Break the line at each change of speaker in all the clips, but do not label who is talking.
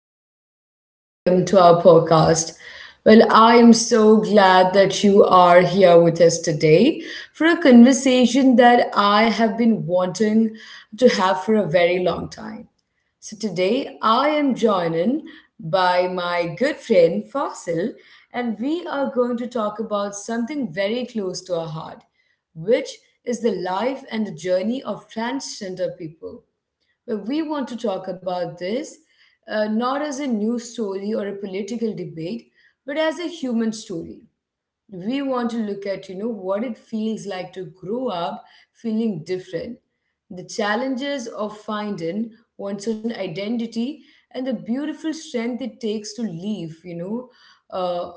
everyone and welcome to our podcast. Well, I am so glad that you are here with us today for a conversation that I have been wanting to have for a very long time. So today I am joined by my good friend Fasil and we are going to talk about something very close to our heart, which is the life and the journey of transgender people. But we want to talk about this not as a news story or a political debate, but as a human story. We want to look at, what it feels like to grow up feeling different, the challenges of finding one's own identity, and the beautiful strength it takes to liveuh,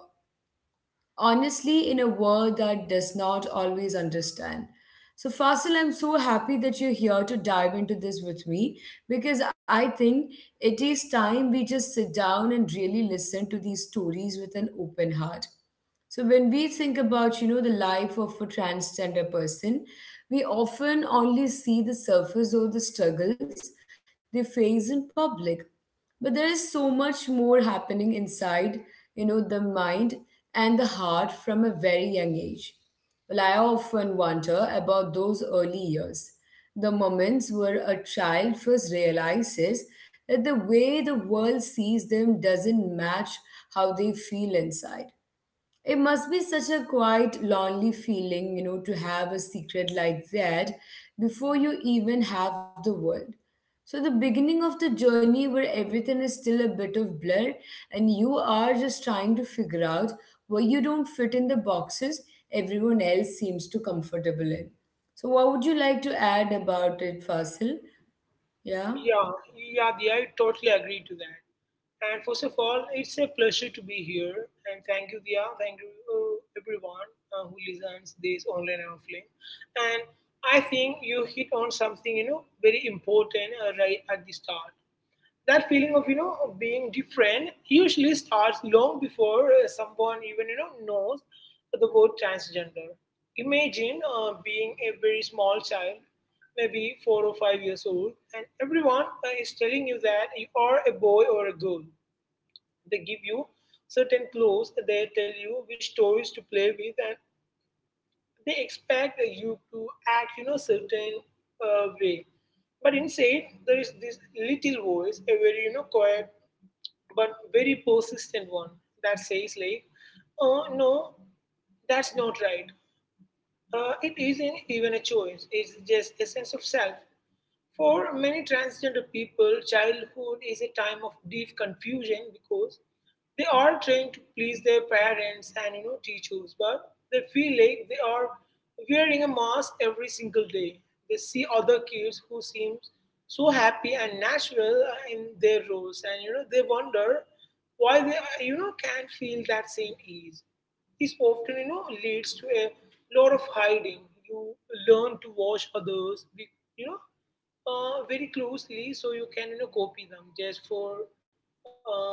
honestly in a world that does not always understand. So, Fasil, I'm so happy that you're here to dive into this with me because I think it is time we just sit down and really listen to these stories with an open heart. So when we think about, the life of a transgender person, we often only see the surface or the struggles they face in public. But there is so much more happening inside, the mind and the heart from a very young age. Well, I often wonder about those early years, the moments where a child first realizes that the way the world sees them doesn't match how they feel inside. It must be such a quite lonely feeling, to have a secret like that before you even have the world. So, the beginning of the journey where everything is still a bit of blur and you are just trying to figure out where you don't fit in the boxes everyone else seems to comfortable in. So, what would you like to add about it, Fasil? Yeah?
Yeah, yeah, Diya, I totally agree to that. And first of all, it's a pleasure to be here. And thank you, Diya. Thank you, everyone who listens this online and offline. And I think you hit on something, very important right at the start, that feeling of being different usually starts long before someone even knows the word transgender. Imagine being a very small child, maybe 4 or 5 years old, and everyone is telling you that you are a boy or a girl. They give you certain clothes, they tell you which toys to play with, and they expect you to act certain way. But inside there is this little voice, a very quiet but very persistent one, that says, like, oh no, that's not right. It isn't even a choice. It's just a sense of self. For many transgender people, childhood is a time of deep confusion because they are trying to please their parents and teachers, but they feel like they are wearing a mask every single day. They see other kids who seem so happy and natural in their roles, and they wonder why they can't feel that same ease. This often leads to a lot of hiding. You learn to watch others, you know, very closely so you can copy them just for uh,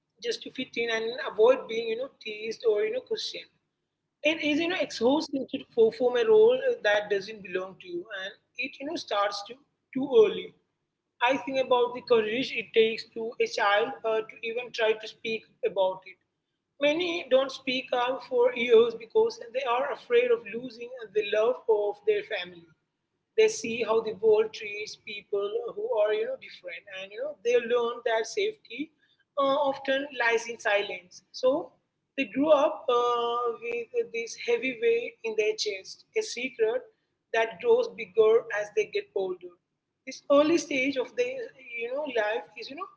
just to fit in and avoid being teased or questioned. It is, exhausting to perform a role that doesn't belong to you, and it, starts too early. I think about the courage it takes to a child to even try to speak about it. Many don't speak up for years because they are afraid of losing the love of their family. They see how the world treats people who are, different, and, you know, they learn that safety often lies in silence. So they grew up with this heavy weight in their chest, a secret that grows bigger as they get older. This early stage of their life is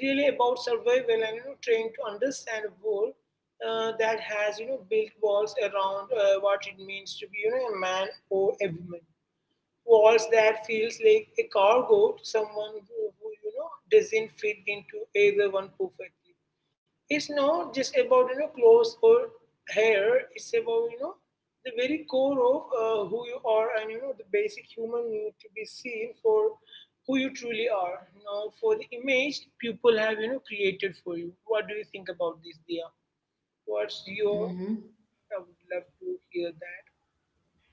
really about survival and trying to understand a world that has built walls around what it means to be a man or a woman. Walls that feels like a cargo to someone who doesn't fit into either one perfectly. It's not just about clothes or hair. It's about the very core of who you are and the basic human need to be seen for who you truly are, not for the image people have created for you. What do you think about this, Dia? What's your?
Mm-hmm.
I would love to hear that.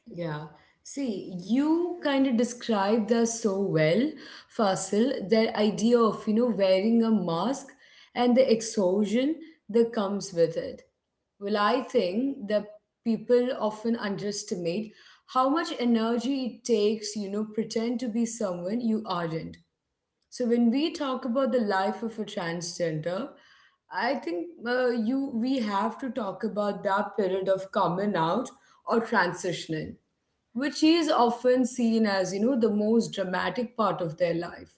Yeah. See, you kind of described that so well, Fasil, the idea of, wearing a mask and the exhaustion that comes with it. Well, I think that people often underestimate how much energy it takes, pretend to be someone you aren't. So when we talk about the life of a transgender, I think you we have to talk about that period of coming out or transitioning, which is often seen as the most dramatic part of their life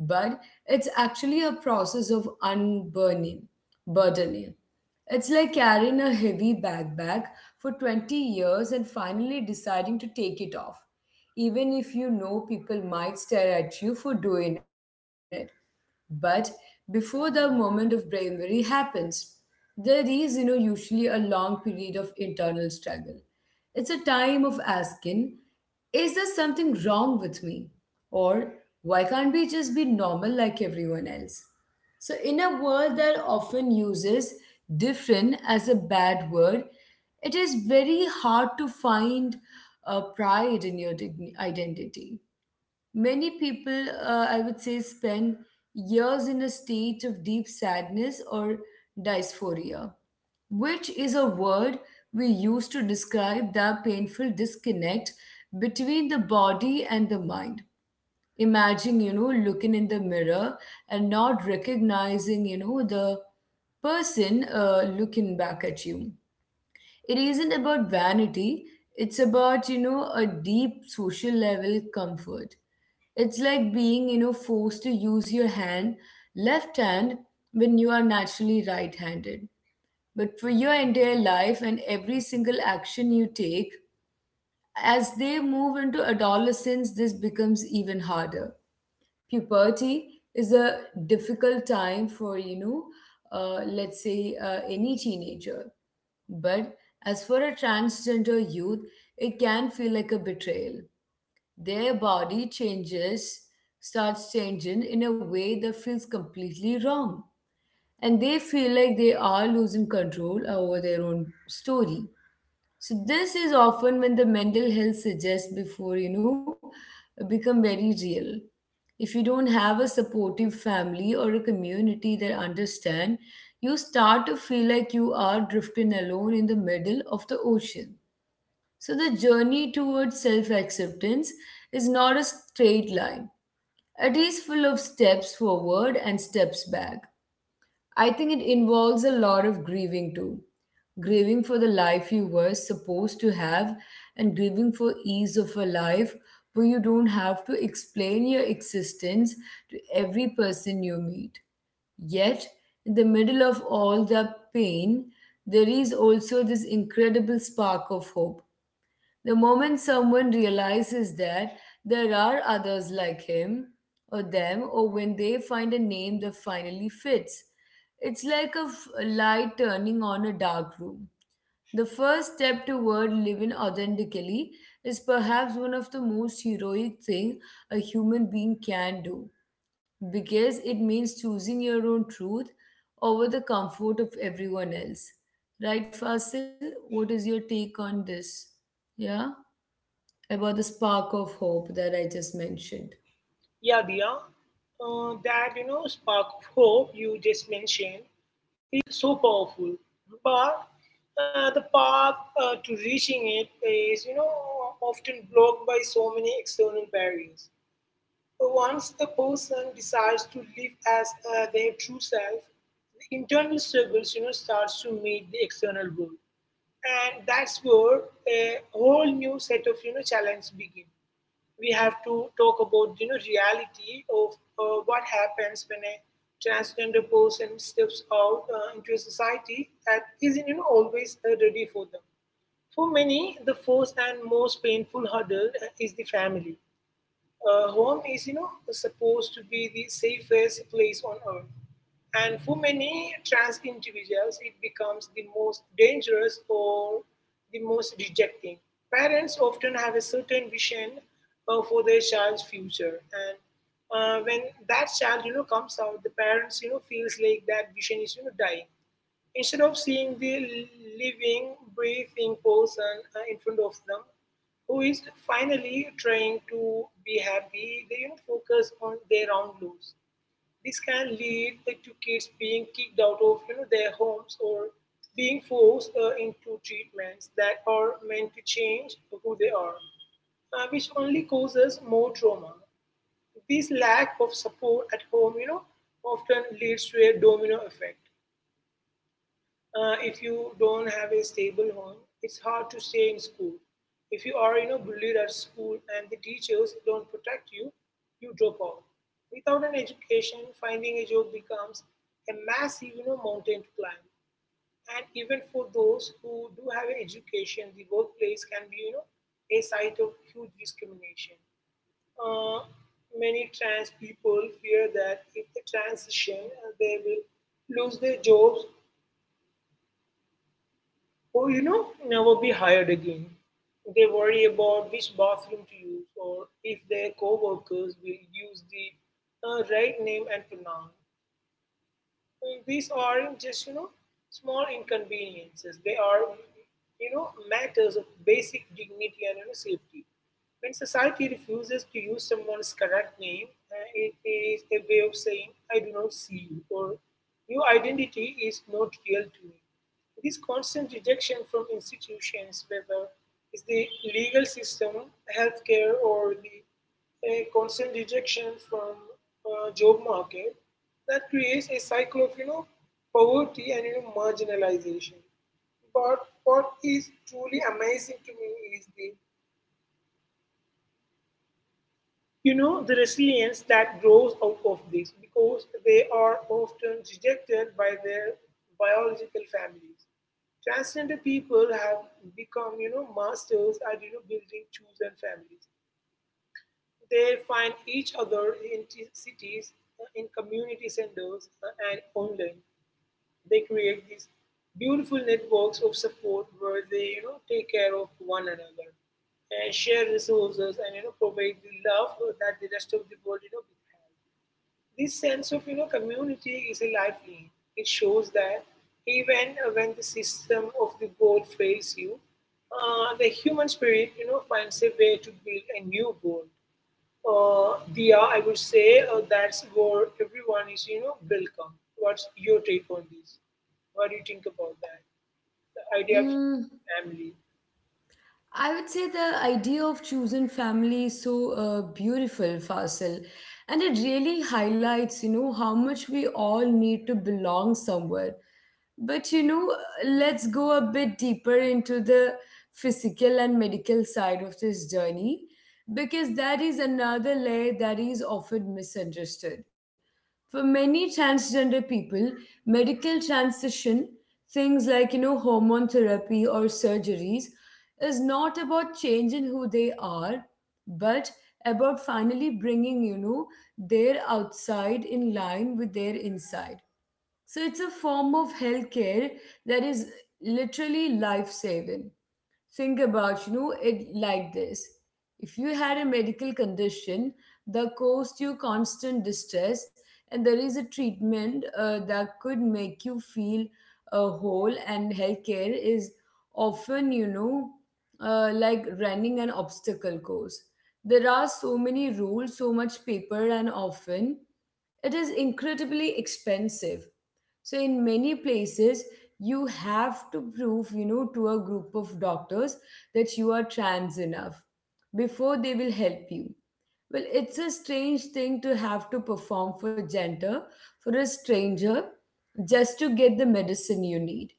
but it's actually a process of unburdening. Burdening. It's like carrying a heavy backpack for 20 years and finally deciding to take it off, even if people might stare at you for doing it. But before the moment of bravery happens, there is, usually a long period of internal struggle. It's a time of asking, is there something wrong with me? Or why can't we just be normal like everyone else? So, in a world that often uses different as a bad word, it is very hard to find pride in your identity. Many people, I would say, spend years in a state of deep sadness or dysphoria, which is a word we use to describe that painful disconnect between the body and the mind. Imagine, looking in the mirror and not recognizing, the person looking back at you. It isn't about vanity. It's about a deep social level comfort. It's like being forced to use your hand left hand when you are naturally right handed, but for your entire life and every single action you take. As they move into adolescence, this becomes even harder. Puberty is a difficult time for let's say any teenager, but as for a transgender youth, it can feel like a betrayal. Their body starts changing in a way that feels completely wrong. And they feel like they are losing control over their own story. So this is often when the mental health suggests before, become very real. If you don't have a supportive family or a community that understand, you start to feel like you are drifting alone in the middle of the ocean. So the journey towards self-acceptance is not a straight line. It is full of steps forward and steps back. I think it involves a lot of grieving too. Grieving for the life you were supposed to have, and grieving for ease of a life where you don't have to explain your existence to every person you meet. Yet, in the middle of all the pain, there is also this incredible spark of hope the moment someone realizes that there are others like him or them, or when they find a name that finally fits. It's like a a light turning on a dark room. The first step toward living authentically is perhaps one of the most heroic thing a human being can do because it means choosing your own truth over the comfort of everyone else. Right, Fasil? What is your take on this? Yeah? About the spark of hope that I just mentioned?
Yeah, Diya, that spark of hope you just mentioned is so powerful, but the path to reaching it is often blocked by so many external barriers. Once a person decides to live as their true self, the internal struggles starts to meet the external world, and that's where a whole new set of challenges begin. We have to talk about reality of what happens when a transgender person steps out into a society that isn't always ready for them. For many, the first and most painful hurdle is the family. Home is supposed to be the safest place on earth, and for many trans individuals it becomes the most dangerous or the most rejecting. Parents often have a certain vision for their child's future, and when that child comes out, the parents feels like that vision is dying. Instead of seeing the living, breathing person in front of them who is finally trying to be happy, they, you know, focus on their own loss. This can lead to kids being kicked out of, you know, their homes or being forced into treatments that are meant to change who they are, which only causes more trauma. This lack of support at home, often leads to a domino effect. If you don't have a stable home, it's hard to stay in school. If you are, bullied at school and the teachers don't protect you, you drop out. Without an education, finding a job becomes a massive, mountain to climb. And even for those who do have an education, the workplace can be, a site of huge discrimination. Uh, Many trans people fear that if they transition, they will lose their jobs, who never be hired again. They worry about which bathroom to use or if their coworkers will use the right name and pronoun. So these are just small inconveniences. They are matters of basic dignity and, you know, safety. When society refuses to use someone's correct name, it is a way of saying I do not see you or your identity is not real to me. This constant rejection from institutions, whether it's the legal system, healthcare, or the a constant rejection from job market, that creates a cycle of poverty and marginalization. But what is truly amazing to me is the the resilience that grows out of this, because they are often rejected by their biological families, transgender people have become masters at building chosen families. They find each other in cities, in community centers, and online. They create these beautiful networks of support where they, take care of one another and share resources and provide the love that the rest of the world this sense of community is a lifeline. It shows that even when the system of the world fails you, the human spirit finds a way to build a new world. Dia. I would say that's where everyone is, welcome. What's your take on this? What do you think about that? The idea of
Mm,
family.
I would say the idea of chosen family is so beautiful, Fasil, and it really highlights, how much we all need to belong somewhere. But let's go a bit deeper into the physical and medical side of this journey because that is another layer that is often misunderstood. For many transgender people, medical transition, things like hormone therapy or surgeries is not about changing who they are, but about finally bringing, their outside in line with their inside. So it's a form of healthcare that is literally life saving. Think about it like this. If you had a medical condition that caused you constant distress and there is a treatment, that could make you feel whole. And healthcare is often like running an obstacle course. There are so many rules, so much paper, and often it is incredibly expensive. So in many places, you have to prove, to a group of doctors that you are trans enough before they will help you. Well, it's a strange thing to have to perform for gender for a stranger just to get the medicine you need.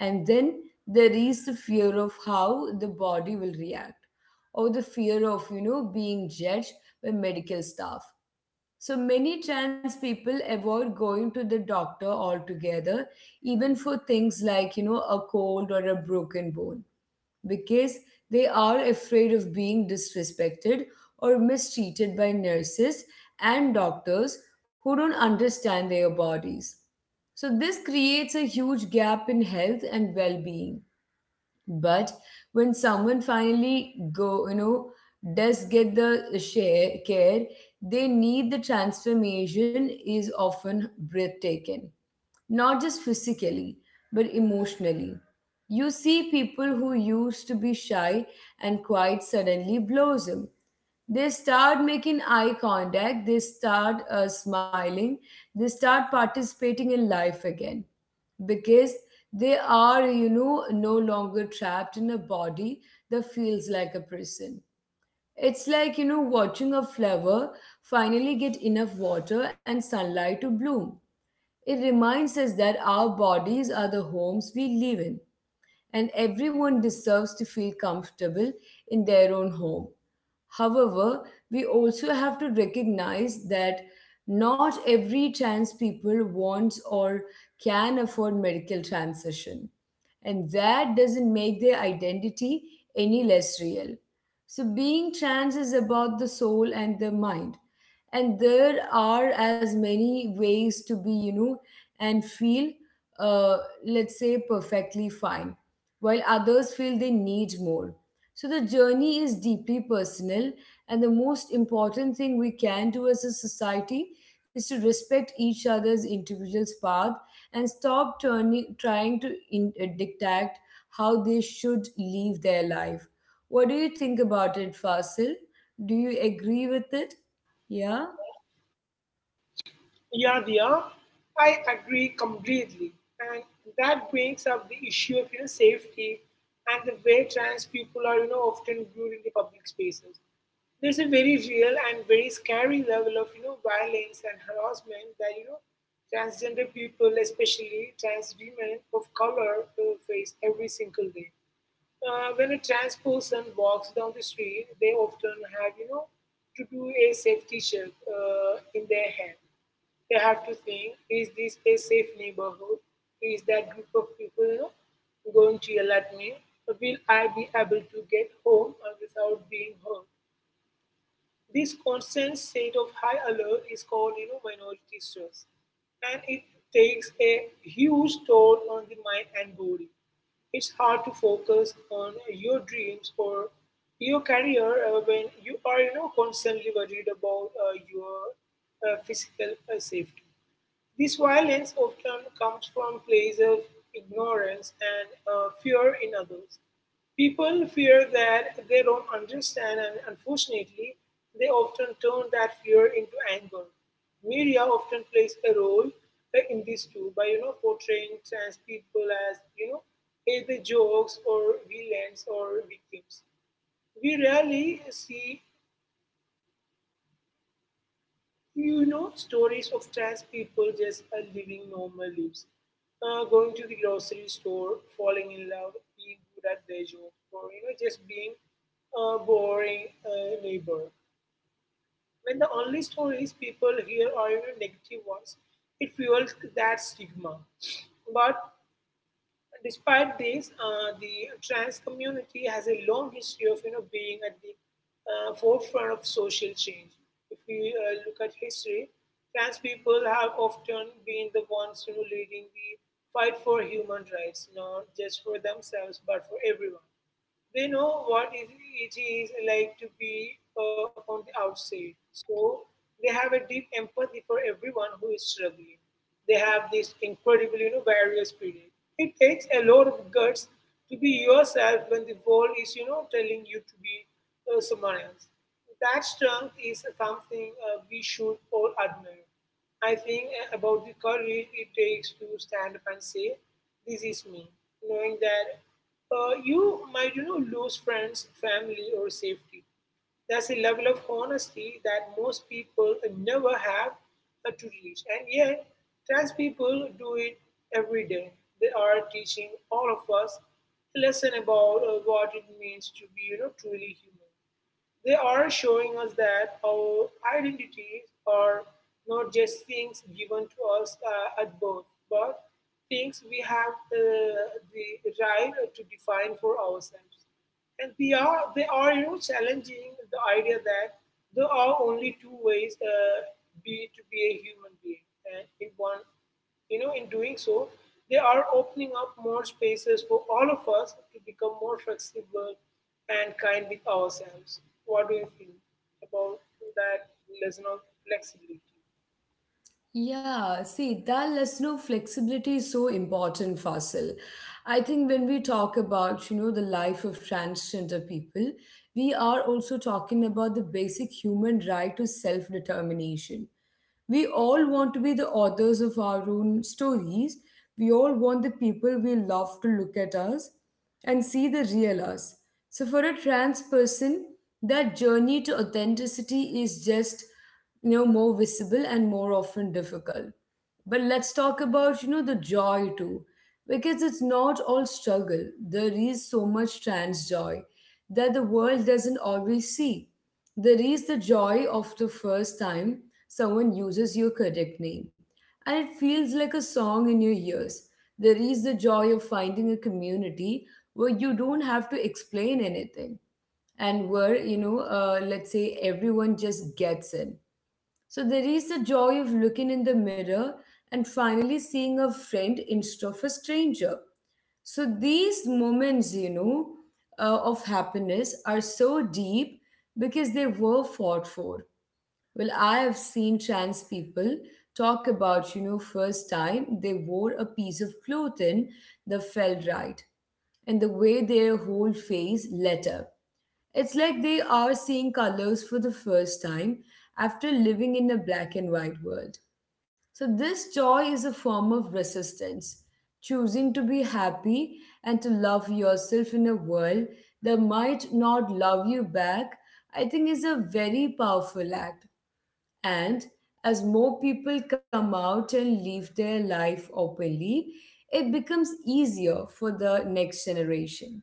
And then there is the fear of how the body will react or the fear of, being judged by medical staff. So many trans people avoid going to the doctor altogether, even for things like, a cold or a broken bone, because they are afraid of being disrespected or mistreated by nurses and doctors who don't understand their bodies. So this creates a huge gap in health and well-being. But when someone finally go you know does get the share care they need, the transformation is often breathtaking, not just physically but emotionally. You see people who used to be shy and quiet suddenly blossom. They start making eye contact, they start smiling, they start participating in life again, because they are, no longer trapped in a body that feels like a prison. It's like, watching a flower finally get enough water and sunlight to bloom. It reminds us that our bodies are the homes we live in and everyone deserves to feel comfortable in their own home. However, we also have to recognize that not every trans people wants or can afford medical transition, and that doesn't make their identity any less real. So, being trans is about the soul and the mind, and there are as many ways to be, and feel, uh, let's say, perfectly fine while others feel they need more. So the journey is deeply personal, and the most important thing we can do as a society is to respect each other's individual's path and stop trying to dictate how they should live their life. What do you think about it, Fasil? Do you agree with it? Yeah?
Yeah, Diya, I agree completely. And that brings up the issue of safety and the way trans people are often viewed in the public spaces. There's a very real and very scary level of violence and harassment that transgender people, especially trans women of color, face every single day. When a trans person walks down the street, they often have, to do a safety check in their head. They have to think, is this a safe neighborhood? Is that group of people, going to yell at me? Will I be able to get home without being hurt? This constant state of high alert is called, you know, minority stress, and it takes a huge toll on the mind and body. It's hard to focus on your dreams or your career when you are constantly worried about your physical safety. This violence often comes from places of ignorance and fear in others. People fear that they don't understand, and unfortunately, they often turn that fear into anger. Media often plays a role in this too by portraying trans people as either jokes or villains or victims. We rarely see stories of trans people just living normal lives, going to the grocery store, falling in love, being good at their job, or, you know, just being a boring neighbor. When the only stories people hear are, you know, negative ones, it fuels that stigma. But despite this, the trans community has a long history of being at the forefront of social change. If we look at history, trans people have often been the ones leading the fight for human rights, not just for themselves but for everyone. They know what it is like to be on the outside. So they have a deep empathy for everyone who is struggling. They have this incredible, barrier spirit. It takes a lot of guts to be yourself when the world is, telling you to be someone else. That strength is something we should all admire. I think about the courage it takes to stand up and say, this is me, knowing that you might lose friends, family, or safety. That's a level of honesty that most people never have to reach, and yet trans people do it every day. They are teaching all of us a lesson about what it means to be truly human. They are showing us that our identities are not just things given to us at birth, but things we have the right to define for ourselves. And they are challenging the idea that there are only two ways to be a human being thinking, and in one, in doing so, they are opening up more spaces for all of us to become more flexible and kind with ourselves. What do you think about that lesson of flexibility?
Yeah, see, that listener flexibility is so important, Fasil. I think when we talk about, the life of transgender people, we are also talking about the basic human right to self-determination. We all want to be the authors of our own stories. We all want the people we love to look at us and see the real us. So, for a trans person, that journey to authenticity is just more visible and more often difficult. But let's talk about the joy too, because it's not all struggle. There is so much trans joy that the world doesn't always see. There is the joy of the first time someone uses your correct name, and it feels like a song in your ears. There is the joy of finding a community where you don't have to explain anything, and where, let's say everyone just gets it. So there is the joy of looking in the mirror and finally seeing a friend instead of a stranger. So these moments, of happiness are so deep because they were fought for. Well, I have seen trans people talk about, first time they wore a piece of clothing that felt right and the way their whole face lit up. It's like they are seeing colors for the first time after living in a black and white world. So, this joy is a form of resistance, choosing to be happy and to love yourself in a world that might not love you back. I think is a very powerful act. And as more people come out and live their life openly, it becomes easier for the next generation.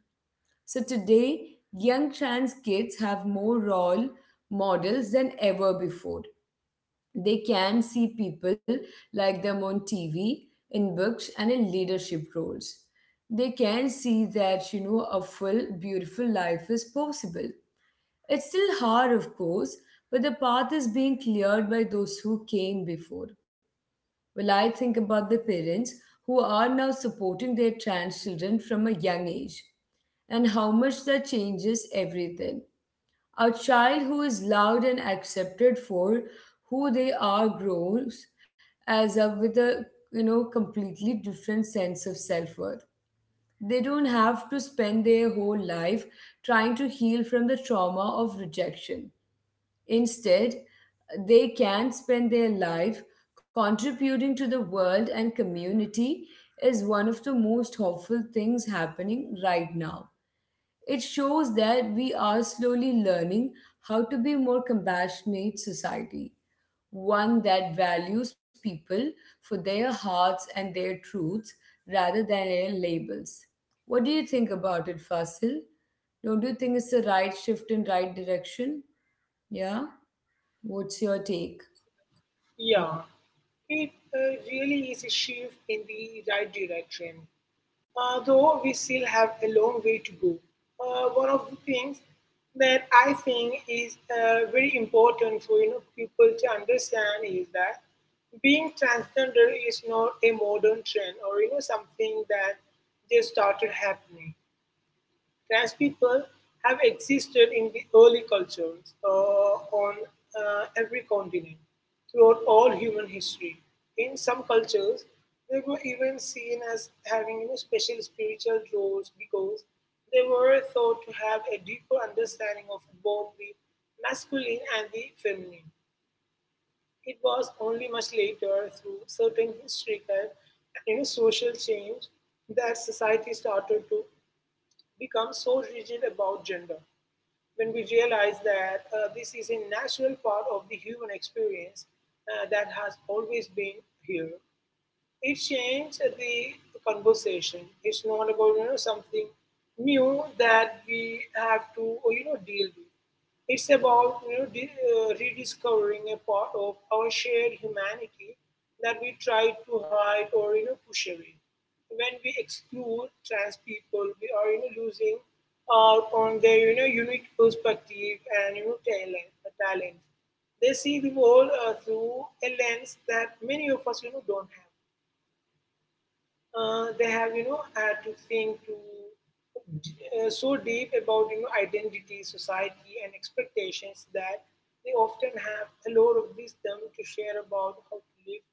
So today, young trans kids have more role models than ever before. They can see people like them on TV, in books, and in leadership roles. They can see that, a full, beautiful life is possible. It's still hard, of course, but the path is being cleared by those who came before. Well, I think about the parents who are now supporting their trans children from a young age and how much that changes everything. A child who is loved and accepted for who they are grows as up with a completely different sense of self-worth. They don't have to spend their whole life trying to heal from the trauma of rejection. Instead, they can spend their life contributing to the world and community is one of the most hopeful things happening right now. It shows that we are slowly learning how to be more compassionate society, one that values people for their hearts and their truths rather than their labels. What do you think about it, Fasil? Don't you think it's the right shift in right direction? Yeah? What's your take?
Yeah, it really is a shift in the right direction. Though we still have a long way to go. One of the things that I think is very important for people to understand is that being transgender is not a modern trend or something that just started happening. Trans people have existed in the early cultures on every continent throughout all human history. In some cultures, they were even seen as having special spiritual roles because they were thought to have a deeper understanding of both the masculine and the feminine. It was only much later, through certain historical and social change, that society started to become so rigid about gender. When we realize that this is a natural part of the human experience that has always been here, it changed the conversation. It's not about something new that we have to deal with. It's about rediscovering a part of our shared humanity that we try to hide or push away. When we exclude trans people, we are losing out on their unique perspective and talent. Talent. They see the world through a lens that many of us don't have, they have had to think to so deep about identity, society, and expectations that they often have a lot of wisdom to share about how to live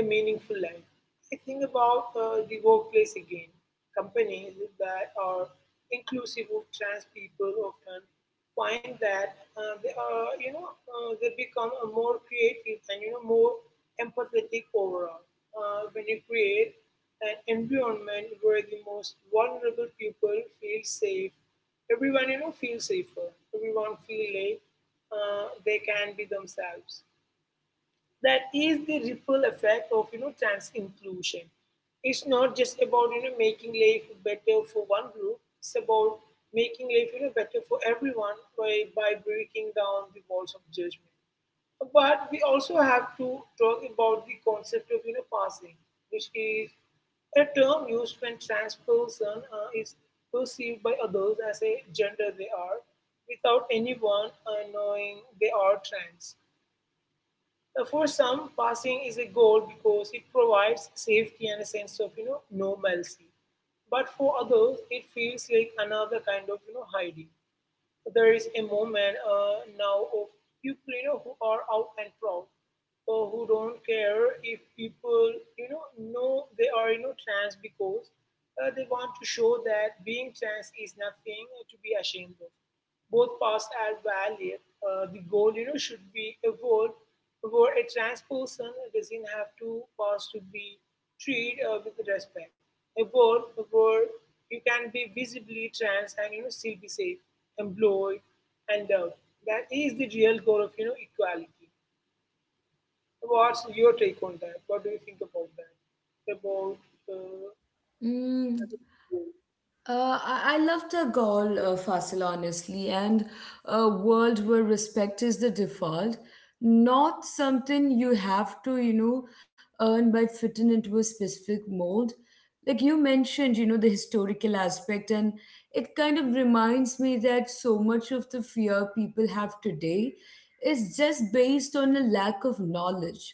a meaningful life. I think about the workplace again. Companies that are inclusive of trans people often find that they are you know they become a more creative and more empathetic overall when you create an environment where the most vulnerable people feel safe. Everyone, you know, feels safer. Everyone feel like they can be themselves. That is the ripple effect of trans inclusion. It's not just about making life better for one group. It's about making life better for everyone by, breaking down the walls of judgment. But we also have to talk about the concept of passing, which is a term used when trans person is perceived by others as a gender they are without anyone knowing they are trans. For some, passing is a goal because it provides safety and a sense of normalcy. But for others, it feels like another kind of hiding. There is a moment now of people who are out and proud, or who don't care if people know they are trans, because they want to show that being trans is nothing to be ashamed of. Both past and valid. The goal should be evolved for a trans person doesn't have to pass to be treated with respect. A world where you can be visibly trans and still be safe, employed, and loved. That is the real goal of equality. What's your take on that? What do you think about that? About
Mm.
uh,
I love the goal, Fasil, honestly, and a world where respect is the default, not something you have to, earn by fitting into a specific mold. Like you mentioned, the historical aspect, and it kind of reminds me that so much of the fear people have today is just based on a lack of knowledge.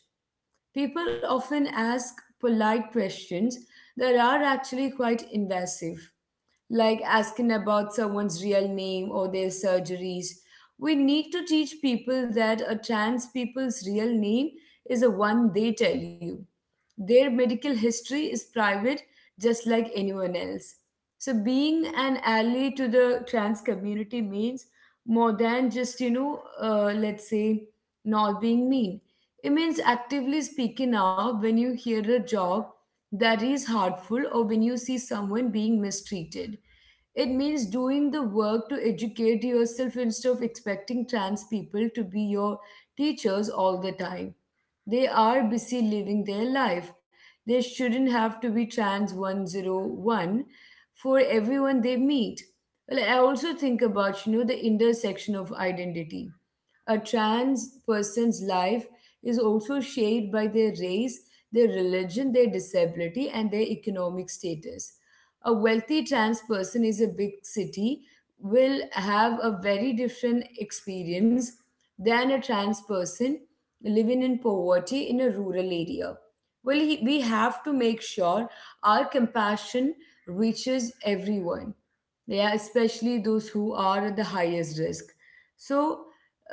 People often ask polite questions that are actually quite invasive, like asking about someone's real name or their surgeries. We need to teach people that a trans people's real name is the one they tell you. Their medical history is private, just like anyone else. So, being an ally to the trans community means more than just, let's say, not being mean. It means actively speaking out when you hear a job that is harmful or when you see someone being mistreated. It means doing the work to educate yourself instead of expecting trans people to be your teachers all the time. They are busy living their life. They shouldn't have to be trans 101 for everyone they meet. Well, I also think about, the intersection of identity. A trans person's life is also shaped by their race, their religion, their disability, and their economic status. A wealthy trans person is a big city will have a very different experience than a trans person living in poverty in a rural area. Well, we have to make sure our compassion reaches everyone, yeah, especially those who are at the highest risk. So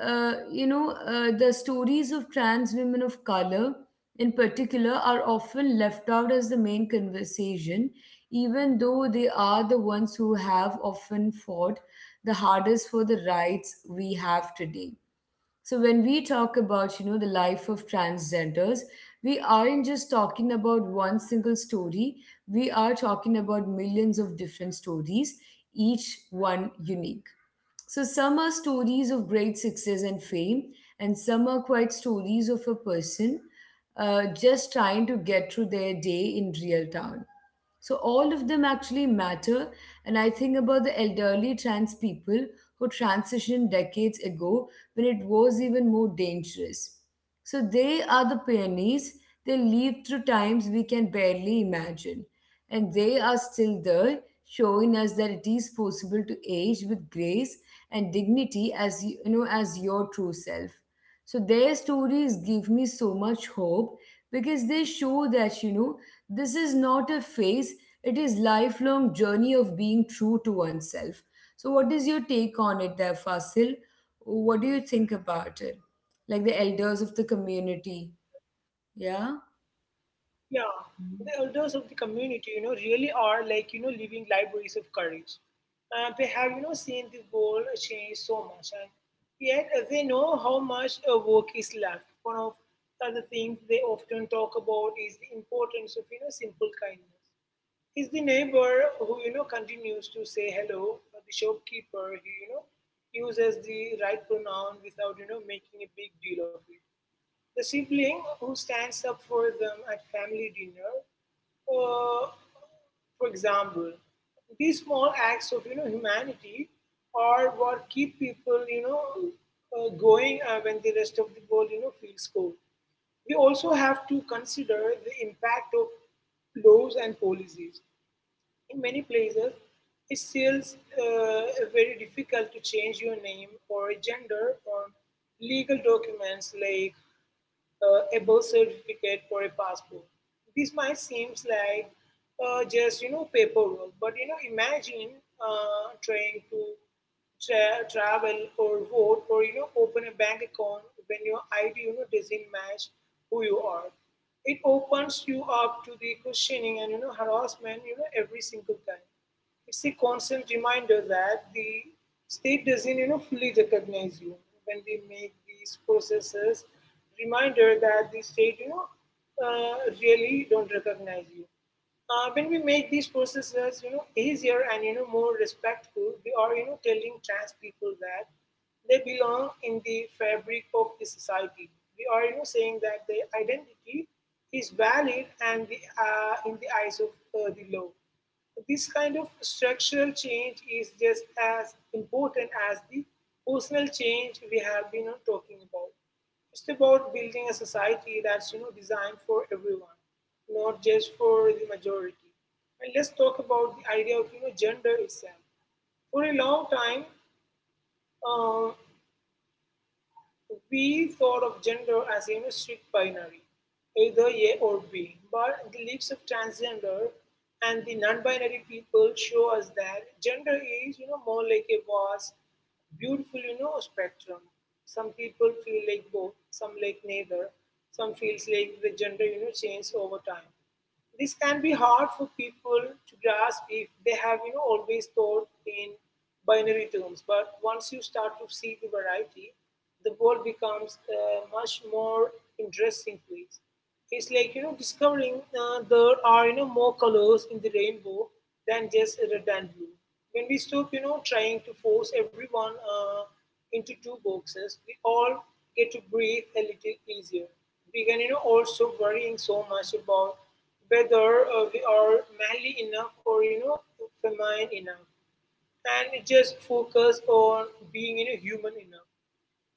the stories of trans women of color in particular are often left out as the main conversation, even though they are the ones who have often fought the hardest for the rights we have today. So when we talk about, the life of transgenders, we aren't just talking about one single story. We are talking about millions of different stories, each one unique. So some are stories of great success and fame, and some are quite stories of a person just trying to get through their day in real town. So all of them actually matter. And I think about the elderly trans people who transitioned decades ago when it was even more dangerous. So they are the pioneers. They lived through times we can barely imagine. And they are still there, showing us that it is possible to age with grace and dignity as you you know as your true self. So their stories give me so much hope because they show that this is not a phase, it is lifelong journey of being true to oneself. So what is your take on it there, Fasil? What do you think about it? Like the elders of the community. Yeah?
yeah, the elders of the community, you know, really are like, you know, living libraries of courage. And they have, you know, seen the world change so much. And yet they know how much work is left. One of the things they often talk about is the importance of, you know, simple kindness. Is the neighbor who, you know, continues to say hello, or the shopkeeper who, you know, uses the right pronoun without, you know, making a big deal of it, the sibling who stands up for them at family dinner, uh, for example. These small acts of humanity are what keep people going when the rest of the world feels cold. We also have to consider the impact of laws and policies. In many places, it's still uh, very difficult to change your name or gender on legal documents like a birth certificate for a passport. This might seems like just paperwork, but imagine trying to travel or vote or open a bank account when your ID doesn't match who you are. It opens you up to the questioning and harassment every single time. It's a constant reminder that the state doesn't fully recognize you when we make these processes reminder that the state really don't recognize you when we make these processes easier and more respectful. We are telling trans people that they belong in the fabric of the society. We are saying that their identity is valid, and in the eyes of the law. This kind of structural change is just as important as the personal change we have been talking about. It's about building a society that's designed for everyone, not just for the majority. And let's talk about the idea of gender itself. For a long time, um, we thought of gender as a strict binary, either A or B, but the lives of transgender and the non-binary people show us that gender is, you know, more like a vast, beautiful, you know, spectrum. Some people feel like both, some like neither, some feels like the gender, you know, changes over time. This can be hard for people to grasp if they have, you know, always thought in binary terms, but once you start to see the variety, the world becomes a much more interesting place. It's like discovering there are more colors in the rainbow than just red and blue. When we stop trying to force everyone into two boxes, we all get to breathe a little easier. We can, you know, also worrying so much about whether we are manly enough or feminine enough, and just focus on being human enough.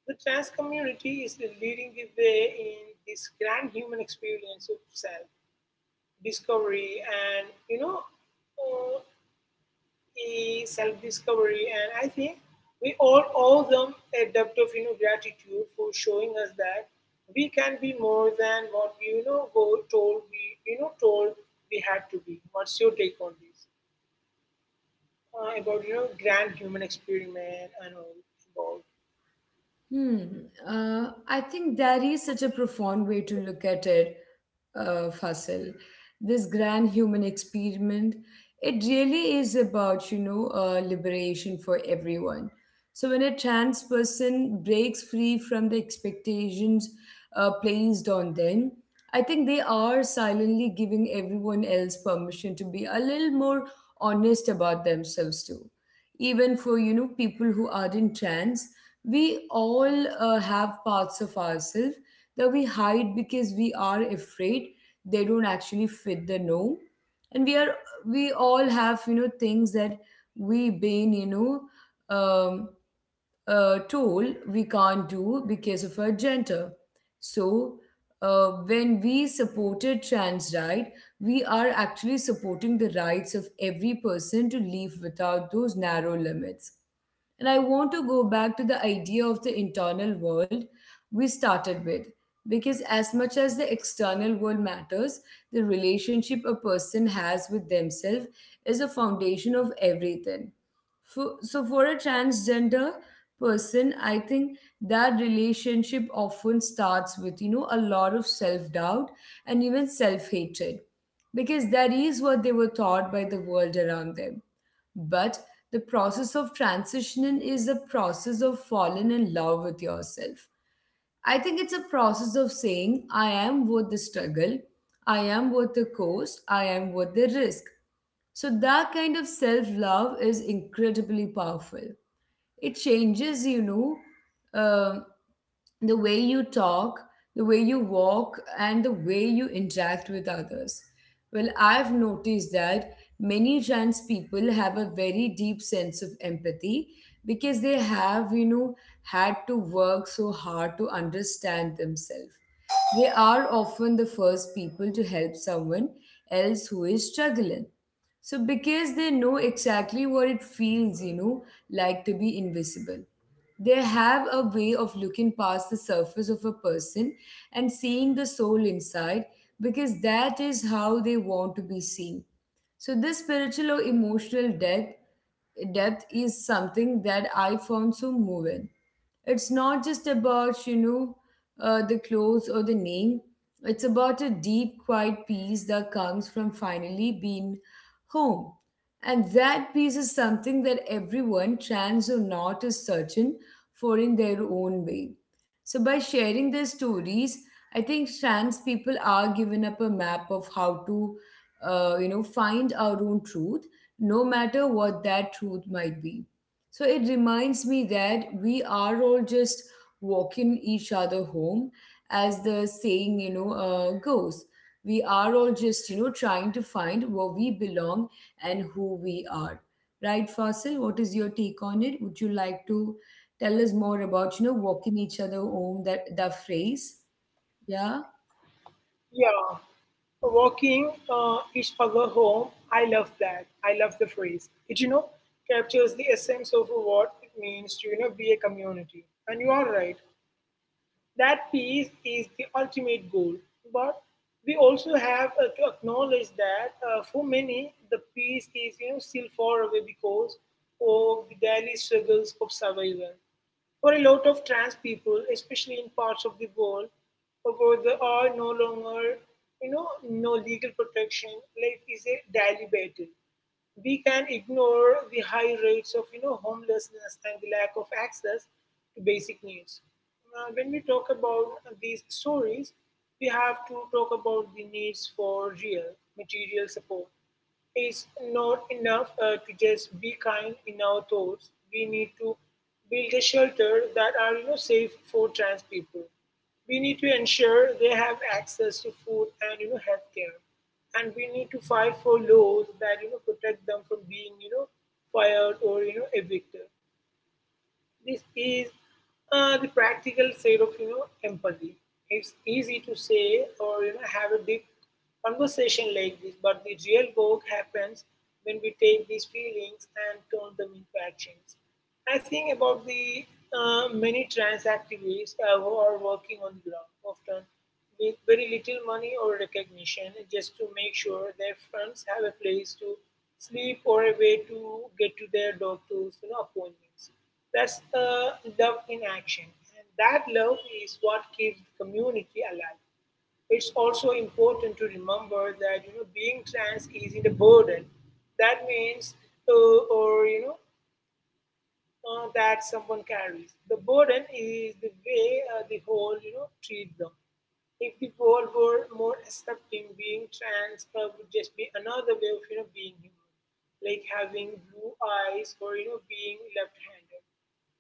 The trans community is leading the way in this grand human experience of self discovery and you know uh, is self-discovery, and I think we all owe them a debt of, you know, gratitude for showing us that we can be more than what we were told we had to be. What's your take on this about grand human experiment and all about,
Hmm. I think that is such a profound way to look at it, Fasil. This grand human experiment, it really is about, liberation for everyone. So when a trans person breaks free from the expectations placed on them, I think they are silently giving everyone else permission to be a little more honest about themselves too. Even for, people who aren't trans, we all have parts of ourselves that we hide because we are afraid they don't actually fit the norm, and we all have things that we been um, told we can't do because of our gender. So when we supported trans right, we are actually supporting the rights of every person to live without those narrow limits. And I want to go back to the idea of the internal world we started with. Because as much as the external world matters, the relationship a person has with themselves is a foundation of everything. For a transgender person, I think that relationship often starts with, a lot of self doubt and even self hatred, because that is what they were taught by the world around them. But the process of transitioning is a process of falling in love with yourself. I think it's a process of saying, I am worth the struggle, I am worth the cost, I am worth the risk. So that kind of self love is incredibly powerful. It changes, um the way you talk, the way you walk, and the way you interact with others. Well, I've noticed that many trans people have a very deep sense of empathy because they have, had to work so hard to understand themselves. They are often the first people to help someone else who is struggling. So, because they know exactly what it feels, like to be invisible. They have a way of looking past the surface of a person and seeing the soul inside because that is how they want to be seen. So, this spiritual or emotional depth is something that I found so moving. It's not just about, the clothes or the name, it's about a deep, quiet peace that comes from finally being home, and that piece is something that everyone, trans or not, is searching for in their own way. So, by sharing their stories, I think trans people are given up a map of how to, find our own truth, no matter what that truth might be. So it reminds me that we are all just walking each other home, as the saying, goes. We are all just, trying to find where we belong and who we are. Right, Fasil, what is your take on it? Would you like to tell us more about, walking each other home, that phrase? Yeah.
yeah, walking each other home. I love that. I love the phrase. It captures the essence of what it means to be a community. And you are right. That peace is the ultimate goal, but we also have to acknowledge that for many the peace is still far away because of the daily struggles of survival. For a lot of trans people, especially in parts of the world where there are no longer no legal protection, life is a daily battle. We can ignore the high rates of homelessness and the lack of access to basic needs. When we talk about these stories, we have to talk about the needs for real material support. It's not enough to just be kind in our thoughts. We need to build a shelter that are safe for trans people. We need to ensure they have access to food and healthcare, and we need to fight for laws that protect them from being fired or evicted. This is the practical side of empathy. It's easy to say or have a deep conversation like this, but the real work happens when we take these feelings and turn them into actions. I think about the many trans activists who are working on the ground often with very little money or recognition just to make sure their friends have a place to sleep or a way to get to their doctor's, you know, appointments. That's love in action. And that love is what keeps the community alive. It's also important to remember that being trans isn't a burden. That means, or you know, that someone carries. The burden is the way the whole, you know, treat them. If the world were more accepting, being trans would just be another way of, you know, being human, like having blue eyes or, you know, being left-handed.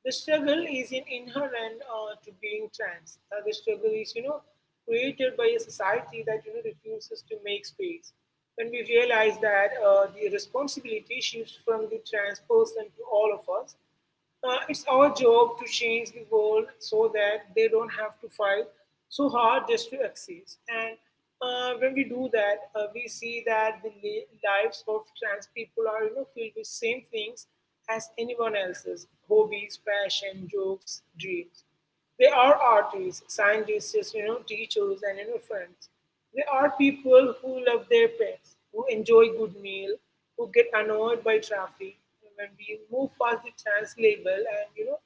The struggle is in inherent to being trans. The struggle is, you know, created by a society that refuses to make space. When we realize that, the responsibility shifts from the trans person to all of us. It's our job to change the world so that they don't have to fight so hard just to exist. And when we do that, we see that the lives of trans people are filled with same things as anyone else's: hobbies, passion, jokes, dreams. They are artists, scientists, you know, teachers, and you know, friends. There are people who love their pets, who enjoy good meal, who get annoyed by traffic. When we move past the trans label and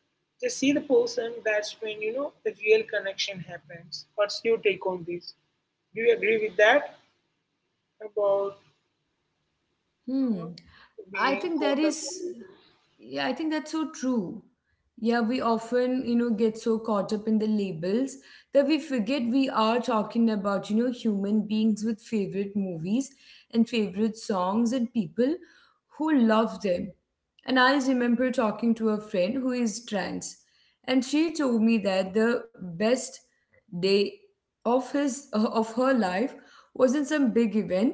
just see the person, that's when the real connection happens. What's your take on this? Do you agree with that about
Hmm.
uh,
I
being
think that
caught up?
is,
In-
yeah, I think that's so true. Yeah, we often, get so caught up in the labels that we forget we are talking about, human beings with favorite movies and favorite songs and people who love them. And I remember talking to a friend who is trans, and she told me that the best day of her life wasn't some big event.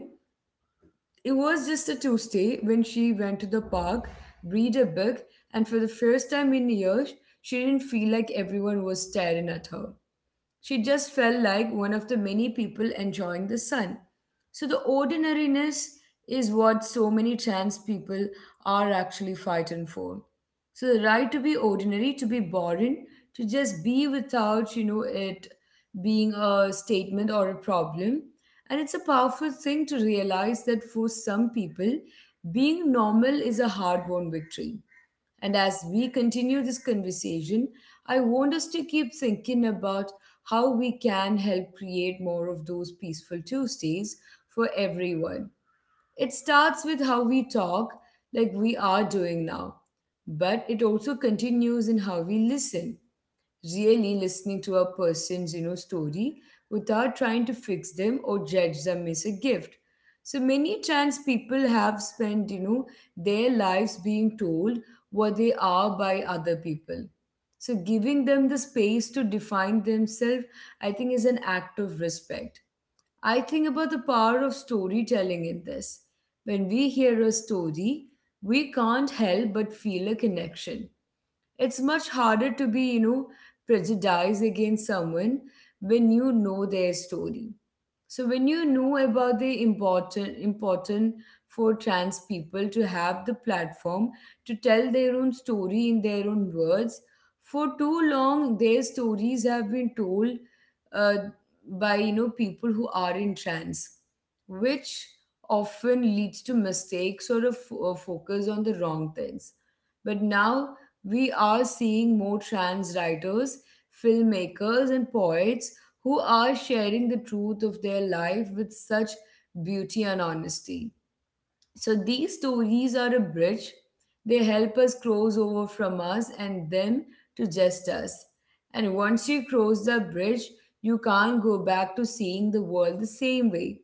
It was just a Tuesday when she went to the park, read a book, and for the first time in years, she didn't feel like everyone was staring at her. She just felt like one of the many people enjoying the sun. So the ordinariness is what so many trans people are actually fighting for. So the right to be ordinary, to be boring, to just be without, it being a statement or a problem. And it's a powerful thing to realize that for some people, being normal is a hard won victory. And as we continue this conversation, I want us to keep thinking about how we can help create more of those peaceful Tuesdays for everyone. It starts with how we talk, like we are doing now, but it also continues in how we listen, really listening to a person's story without trying to fix them or judge them is a gift. So many trans people have spent their lives being told what they are by other people, so giving them the space to define themselves, I think, is an act of respect. I think about the power of storytelling in this. When we hear a story, we can't help but feel a connection. It's much harder to be, you know, prejudiced against someone when you know their story. So when you know about the important for trans people to have the platform to tell their own story in their own words. For too long their stories have been told uh, by people who are in trans, which often leads to mistakes or a focus on the wrong things. But now we are seeing more trans writers, filmmakers, and poets who are sharing the truth of their life with such beauty and honesty. So these stories are a bridge. They help us cross over from us and them to just us. And once you cross the bridge, you can't go back to seeing the world the same way.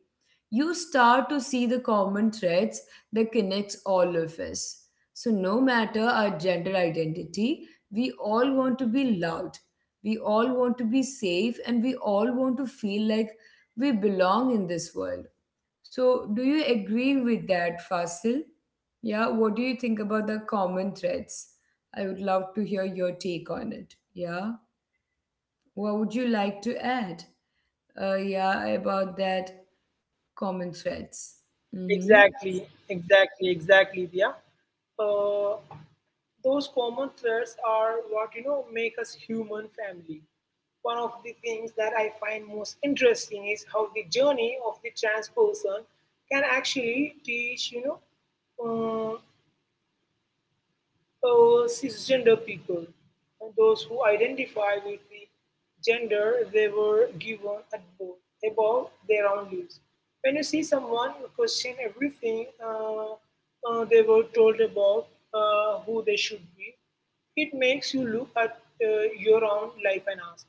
You start to see the common threads that connects all of us. So no matter our gender identity, we all want to be loved. We all want to be safe and we all want to feel like we belong in this world. So, do you agree with that, Fasil? Yeah, what do you think about the common threads? I would love to hear your take on it. Yeah, what would you like to add? Yeah, about that common threads. Mm-hmm.
Exactly, exactly, exactly, Dia. Uh, Those common threads are what make us human family. One of the things that I find most interesting is how the journey of the trans person can actually teach uh, cisgender people, and those who identify with the gender they were given at birth, above their own lives. When you see someone question everything they were told about who they should be, it makes you look at your own life and ask,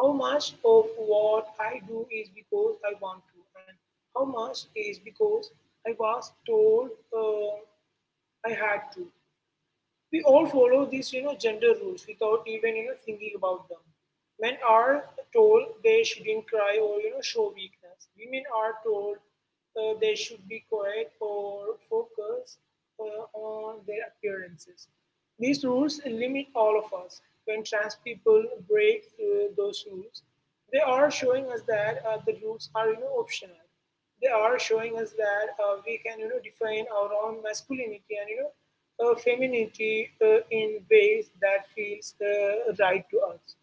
how much of what I do is because I want to, and how much is because I was told I had to. We all follow these gender rules without even thinking about them. Men are told they shouldn't cry or show weakness. Women are told they should be quiet or focus on their appearances. These rules limit all of us. When trans people break those rules, they are showing us that the rules are, you know, optional. They are showing us that we can, you know, define our own masculinity and, you know, femininity in ways that feels right to us.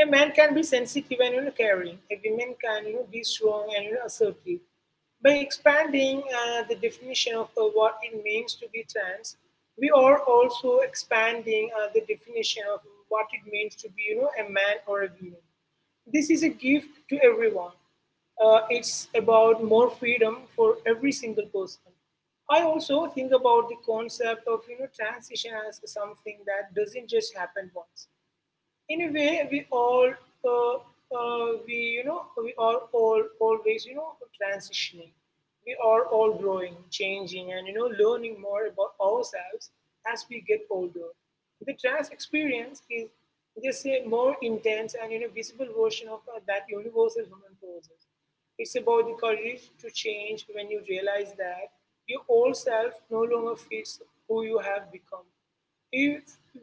A man can be sensitive and, you know, caring. A woman can, you know, be strong and, you know, assertive. By expanding the definition of what it means to be trans, we are also expanding the definition of what it means to be, you know, a man or a woman. This is a gift to everyone. It's about more freedom for every single person. I also think about the concept of transition as something that doesn't just happen once. In a way, we all, uh, we are all always, you know, transitioning. We are all growing, changing, and, you know, learning more about ourselves as we get older. The trans experience is just a more intense and, you know, visible version of that universal human process. It's about the courage to change when you realize that your old self no longer fits who you have become. If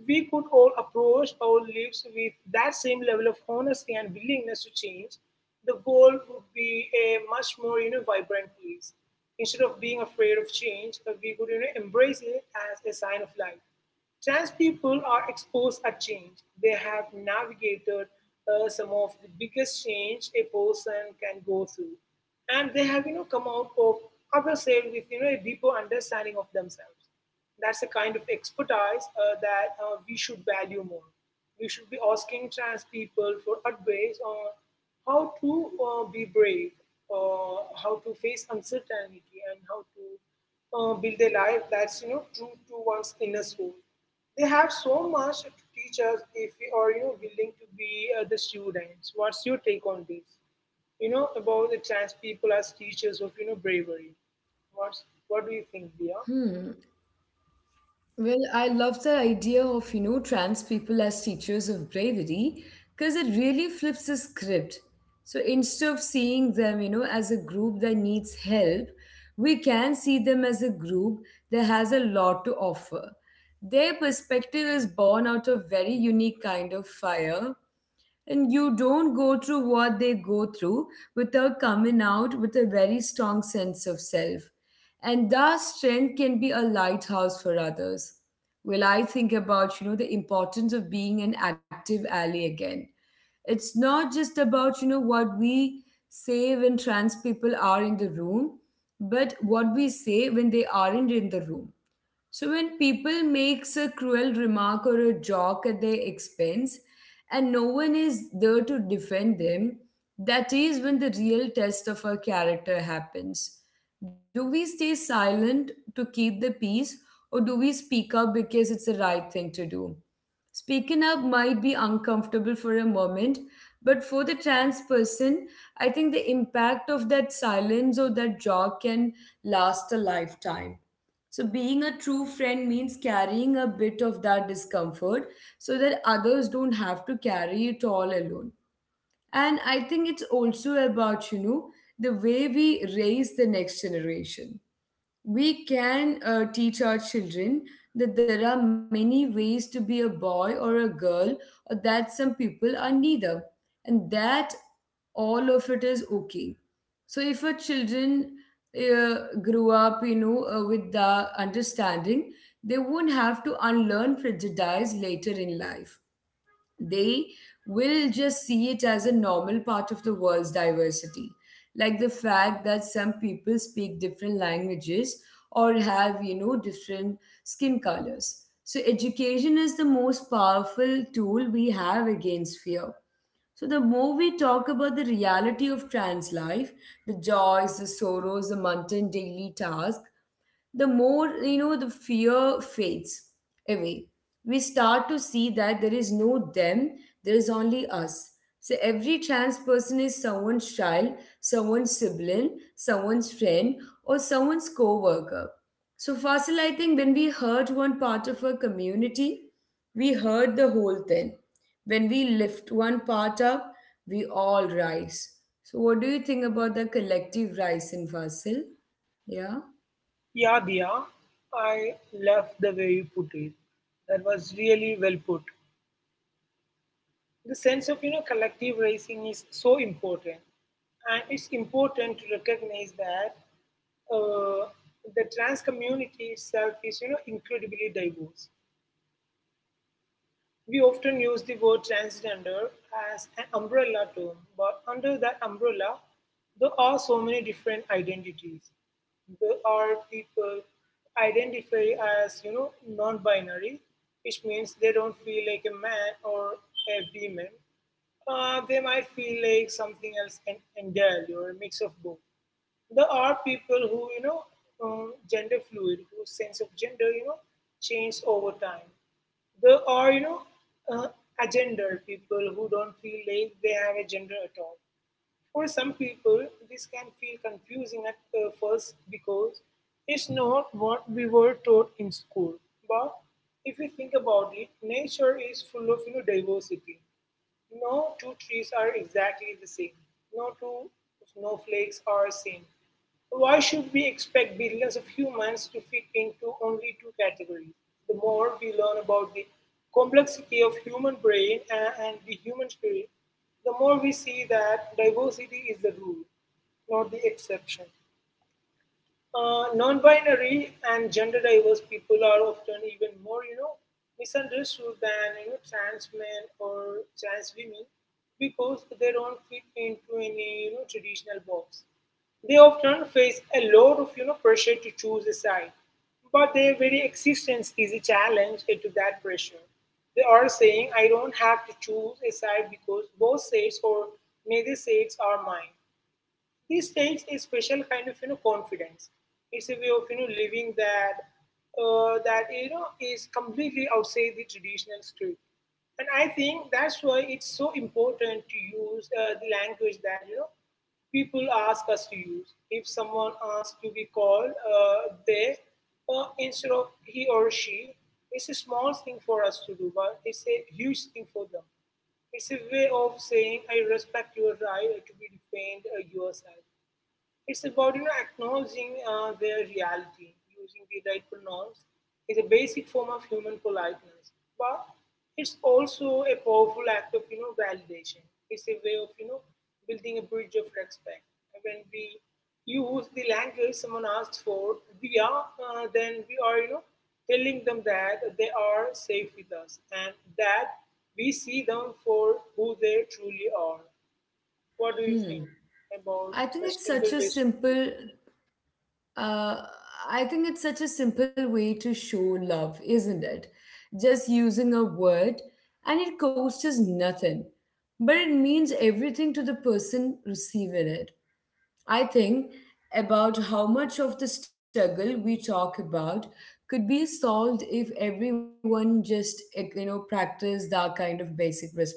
we could all approach our lives with that same level of honesty and willingness to change, the world would be a much more, you know, vibrant place. Instead of being afraid of change, we could, you know, embrace it as a sign of life. Trans people are exposed at change. They have navigated some of the biggest change a person can go through, and they have, come out of other side with, a deeper understanding of themselves. That's a kind of expertise that we should value more. We should be asking trans people for advice on how to be brave, how to face uncertainty, and how to build a life that's, true to one's inner soul. They have so much to teach us if we are, willing to be the students. What's your take on this? You know about the trans people as teachers of, bravery. What's
Hmm.
what do you think, Dia?
Well, I love the idea of, you know, trans people as teachers of bravery because it really flips the script. So instead of seeing them, you know, as a group that needs help, we can see them as a group that has a lot to offer. Their perspective is born out of very unique kind of fire, and you don't go through what they go through without coming out with a very strong sense of self. And that strength can be a lighthouse for others. Well, I think about, you know, the importance of being an active ally again. It's not just about, you know, what we say when trans people are in the room, but what we say when they aren't in the room. So when people makes a cruel remark or a joke at their expense and no one is there to defend them, that is when the real test of our character happens. Do we stay silent to keep the peace, or do we speak up because it's the right thing to do? Speaking up might be uncomfortable for a moment, but for the trans person, I think the impact of that silence or that jog can last a lifetime. So, being a true friend means carrying a bit of that discomfort so that others don't have to carry it all alone. And I think it's also about, you know, the way we raise the next generation. We can teach our children that there are many ways to be a boy or a girl, or that some people are neither, and that all of it is okay. So if our children uh, grew up with the understanding, they won't have to unlearn prejudice later in life. They will just see it as a normal part of the world's diversity. Like the fact that some people speak different languages or have, you know, different skin colors. So, education is the most powerful tool we have against fear. So, the more we talk about the reality of trans life, the joys, the sorrows, the mundane daily tasks, the more the fear fades away. We start to see that there is no them, there is only us. So every trans person is someone's child, someone's sibling, someone's friend, or someone's co-worker. So, Fasil, I think when we hurt one part of our community, we hurt the whole thing. When we lift one part up, we all rise. So what do you think about the collective rise in, Fasil? Yeah.
Yeah, Diya, I love the way you put it. That was really well put. The sense of, collective racing is so important, and it's important to recognize that uh, the trans community itself is, incredibly diverse. We often use the word transgender as an umbrella term, but under that umbrella, there are so many different identities. There are people who identify as, you know, non-binary, which means they don't feel like a man or a woman. They might feel like something else entirely or a mix of both. There are people who, gender fluid, whose sense of gender, changed over time. There are, uh, agender people who don't feel like they have a gender at all. For some people, this can feel confusing at first because it's not what we were taught in school. But if you think about it, nature is full of, diversity. No two trees are exactly the same. No two snowflakes are same. Why should we expect billions of humans to fit into only two categories? The more we learn about the complexity of human brain and the human spirit, the more we see that diversity is the rule, not the exception. Non-binary and gender-diverse people are often even more, you know, misunderstood than, trans men or trans women, because they don't fit into any, traditional box. They often face a lot of, pressure to choose a side, but their very existence is a challenge to that pressure. They are saying, "I don't have to choose a side because both sides or neither sides are mine." This takes a special kind of, confidence. It's a way of, living that is completely outside the traditional script. And I think that's why it's so important to use the language that, people ask us to use. If someone asks to be called, they, instead of he or she, it's a small thing for us to do, but it's a huge thing for them. It's a way of saying, I respect your right to be defined yourself. It's about, acknowledging their reality. Using the right pronouns is a basic form of human politeness, but it's also a powerful act of, validation. It's a way of, building a bridge of respect. When we use the language someone asks for, we are then we are, telling them that they are safe with us and that we see them for who they truly are. What do you think
Hmm.
about
I think
such
it's
simple
such a
ways?
simple uh, I think it's such a simple way to show love, isn't it? Just using a word, and it costs us nothing, but it means everything to the person receiving it. I think about how much of the struggle we talk about could be solved if everyone just practiced that kind of basic respect.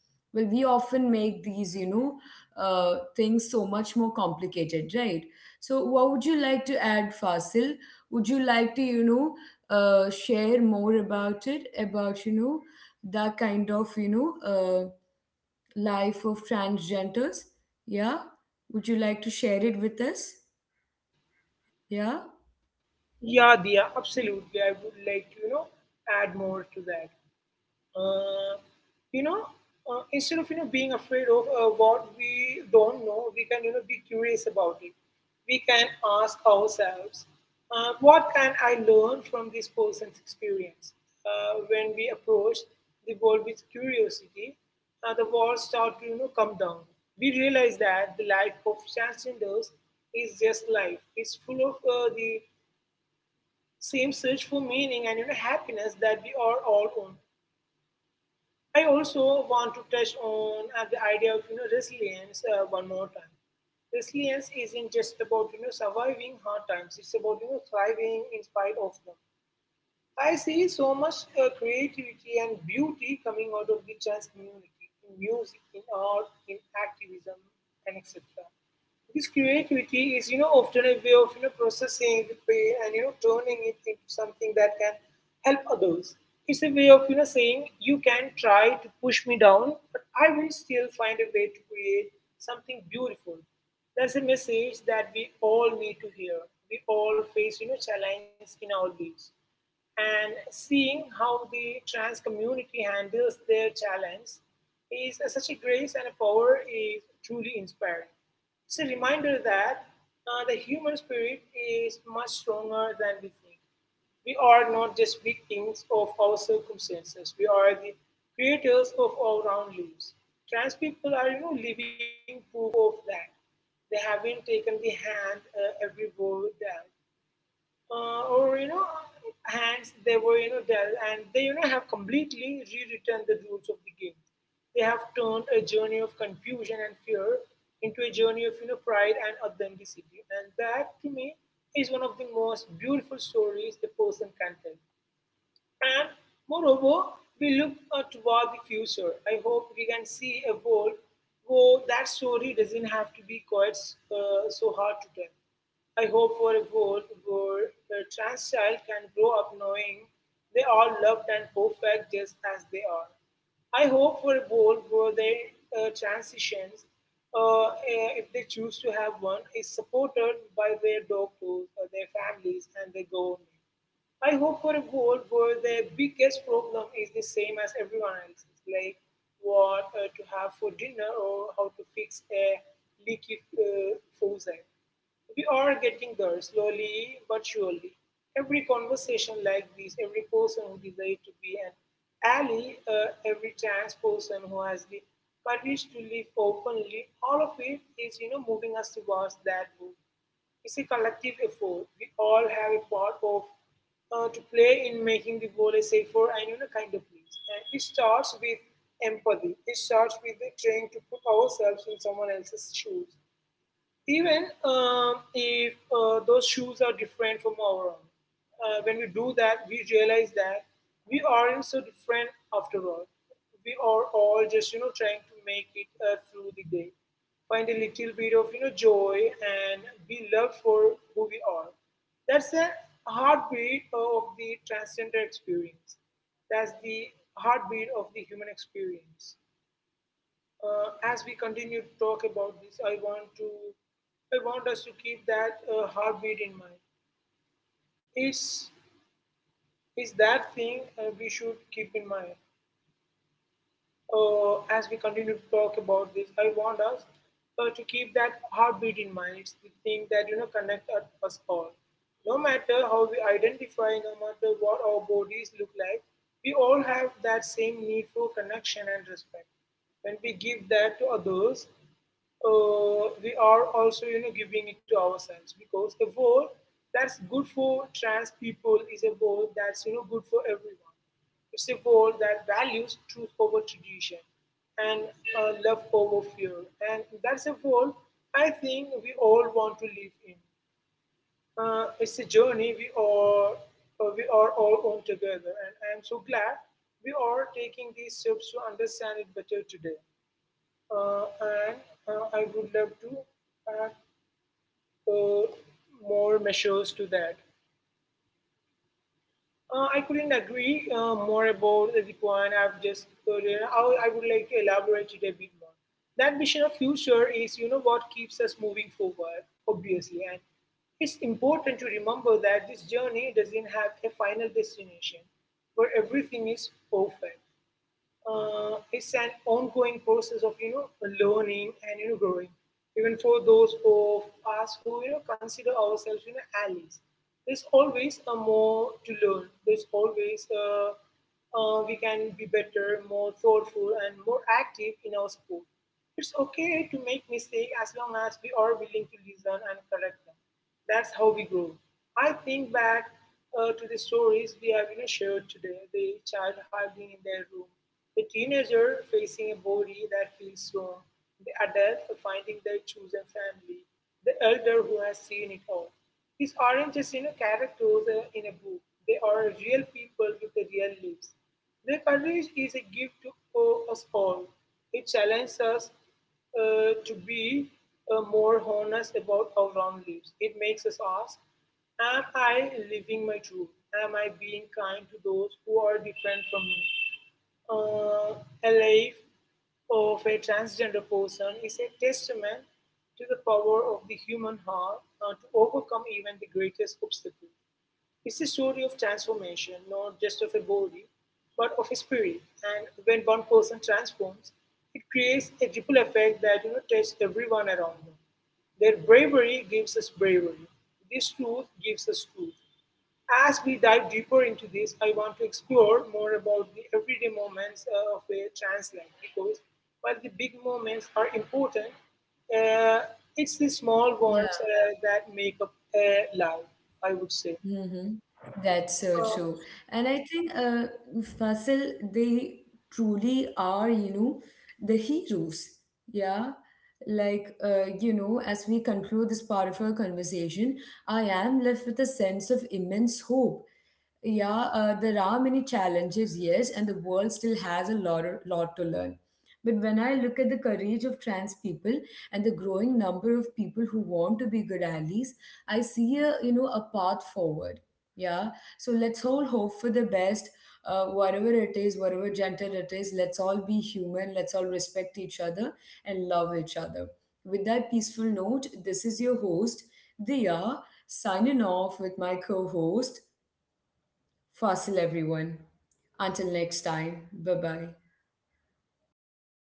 Well, we often make these things so much more complicated, right? So what would you like to add, Fasil? Would you like to share more about it, about that kind of life of transgenders? Yeah, would you like to share it with us? Yeah.
Yeah, Dia, absolutely. I would like to, you know, add more to that. Uh, you know, instead of, being afraid of what we don't know, we can, be curious about it. We can ask ourselves, what can I learn from this person's experience? When we approach the world with curiosity, the walls start to, come down. We realize that the life of transgenders is just life. It's full of the same search for meaning and, you know, happiness that we are all on. I also want to touch on the idea of, resilience one more time. Resilience isn't just about, surviving hard times; it's about, thriving in spite of them. I see so much creativity and beauty coming out of the trans community in music, in art, in activism, and etc. This creativity is, you know, often a way of, you know, processing the pain and, you know, turning it into something that can help others. It's a way of, you know, saying, you can try to push me down, but I will still find a way to create something beautiful. That's a message that we all need to hear. We all face, you know, challenges in our lives. And seeing how the trans community handles their challenge is such a grace and a power is truly inspiring. It's a reminder that the human spirit is much stronger than we think. We are not just victims of our circumstances, we are the creators of our own lives. Trans people are, you know, living proof of that. They haven't taken the hand every world down or hands they were dealt, and they have completely rewritten the rules of the game. They have turned a journey of confusion and fear into a journey of pride and authenticity, and that to me is one of the most beautiful stories the person can tell. And moreover, we look toward the future. I hope we can see a world where that story doesn't have to be quite so hard to tell. I hope for a world where a trans child can grow up knowing they are loved and perfect just as they are. I hope for a world where their transitions, if they choose to have one, is supported by their doctors, their families, and their government. I hope for a world where the biggest problem is the same as everyone else's, like what to have for dinner or how to fix a leaky faucet. We are getting there slowly but surely. Every conversation like this, every person who decides to be an ally, every trans person who has the courage to live openly, all of it is, you know, moving us towards that goal. It's a collective effort. We all have a part of to play in making the world a safer and kinder place. And it starts with empathy. It starts with trying to put ourselves in someone else's shoes, even if those shoes are different from our own. When we do that, we realize that we aren't so different after all. We are all just, you know, trying to make it through the day, find a little bit of, you know, joy and be loved for who we are. That's the heartbeat of the transgender experience. That's the heartbeat of the human experience. As we continue to talk about this, I want us to keep that heartbeat in mind. It's, it's that thing we should keep in mind. As we continue to talk about this, I want us to keep that heartbeat in mind. It's the thing that connect us all. No matter how we identify, no matter what our bodies look like, we all have that same need for connection and respect. When we give that to others, we are also giving it to ourselves, because a world that's good for trans people is a world that's good for everyone. It's a world that values truth over tradition, and love over fear. And that's a world I think we all want to live in. It's a journey we are all on together, and I'm so glad we are taking these steps to understand it better today. Uh, and I would love to add uh, more measures to that. I couldn't agree more about the point I've just put in. I would like to elaborate it a bit more. That vision of future is, you know, what keeps us moving forward, obviously. And it's important to remember that this journey doesn't have a final destination where everything is perfect. It's an ongoing process of learning and growing. Even for those of us who consider ourselves allies, there's always a more to learn. There's always we can be better, more thoughtful, and more active in our support. It's okay to make mistakes as long as we are willing to listen and correct them. That's how we grow. I think back to the stories we have shared today: the child hiding in their room, the teenager facing a body that feels wrong, the adult finding their chosen family, the elder who has seen it all. These aren't just characters in a book, they are real people with the real lives. Their courage is a gift to us all. It challenges us to be more honest about our own lives. It makes us ask, am I living my truth? Am I being kind to those who are different from me? Uh, a life of a transgender person is a testament to the power of the human heart to overcome even the greatest obstacles. It's a story of transformation, not just of a body, but of a spirit. And when one person transforms, it creates a ripple effect that touches everyone around them. Their bravery gives us bravery. This truth gives us truth. As we dive deeper into this, I want to explore more about the everyday moments of a trans life, because while the big moments are important, uh, it's the small ones
Yeah.
that make up a life, I would say.
Mm-hmm. That's so
Oh,
true. And I think Fasil, they truly are, you know, the heroes. Yeah. Like, you know, as we conclude this part of our conversation, I am left with a sense of immense hope. Yeah, there are many challenges, yes, and the world still has a lot to learn. But when I look at the courage of trans people and the growing number of people who want to be good allies, I see a a path forward. Yeah, so let's all hope for the best. Whatever it is, whatever gender it is, let's all be human. Let's all respect each other and love each other. With that peaceful note, this is your host, Dia, signing off with my co-host, Fossil, everyone. Until next time, bye bye.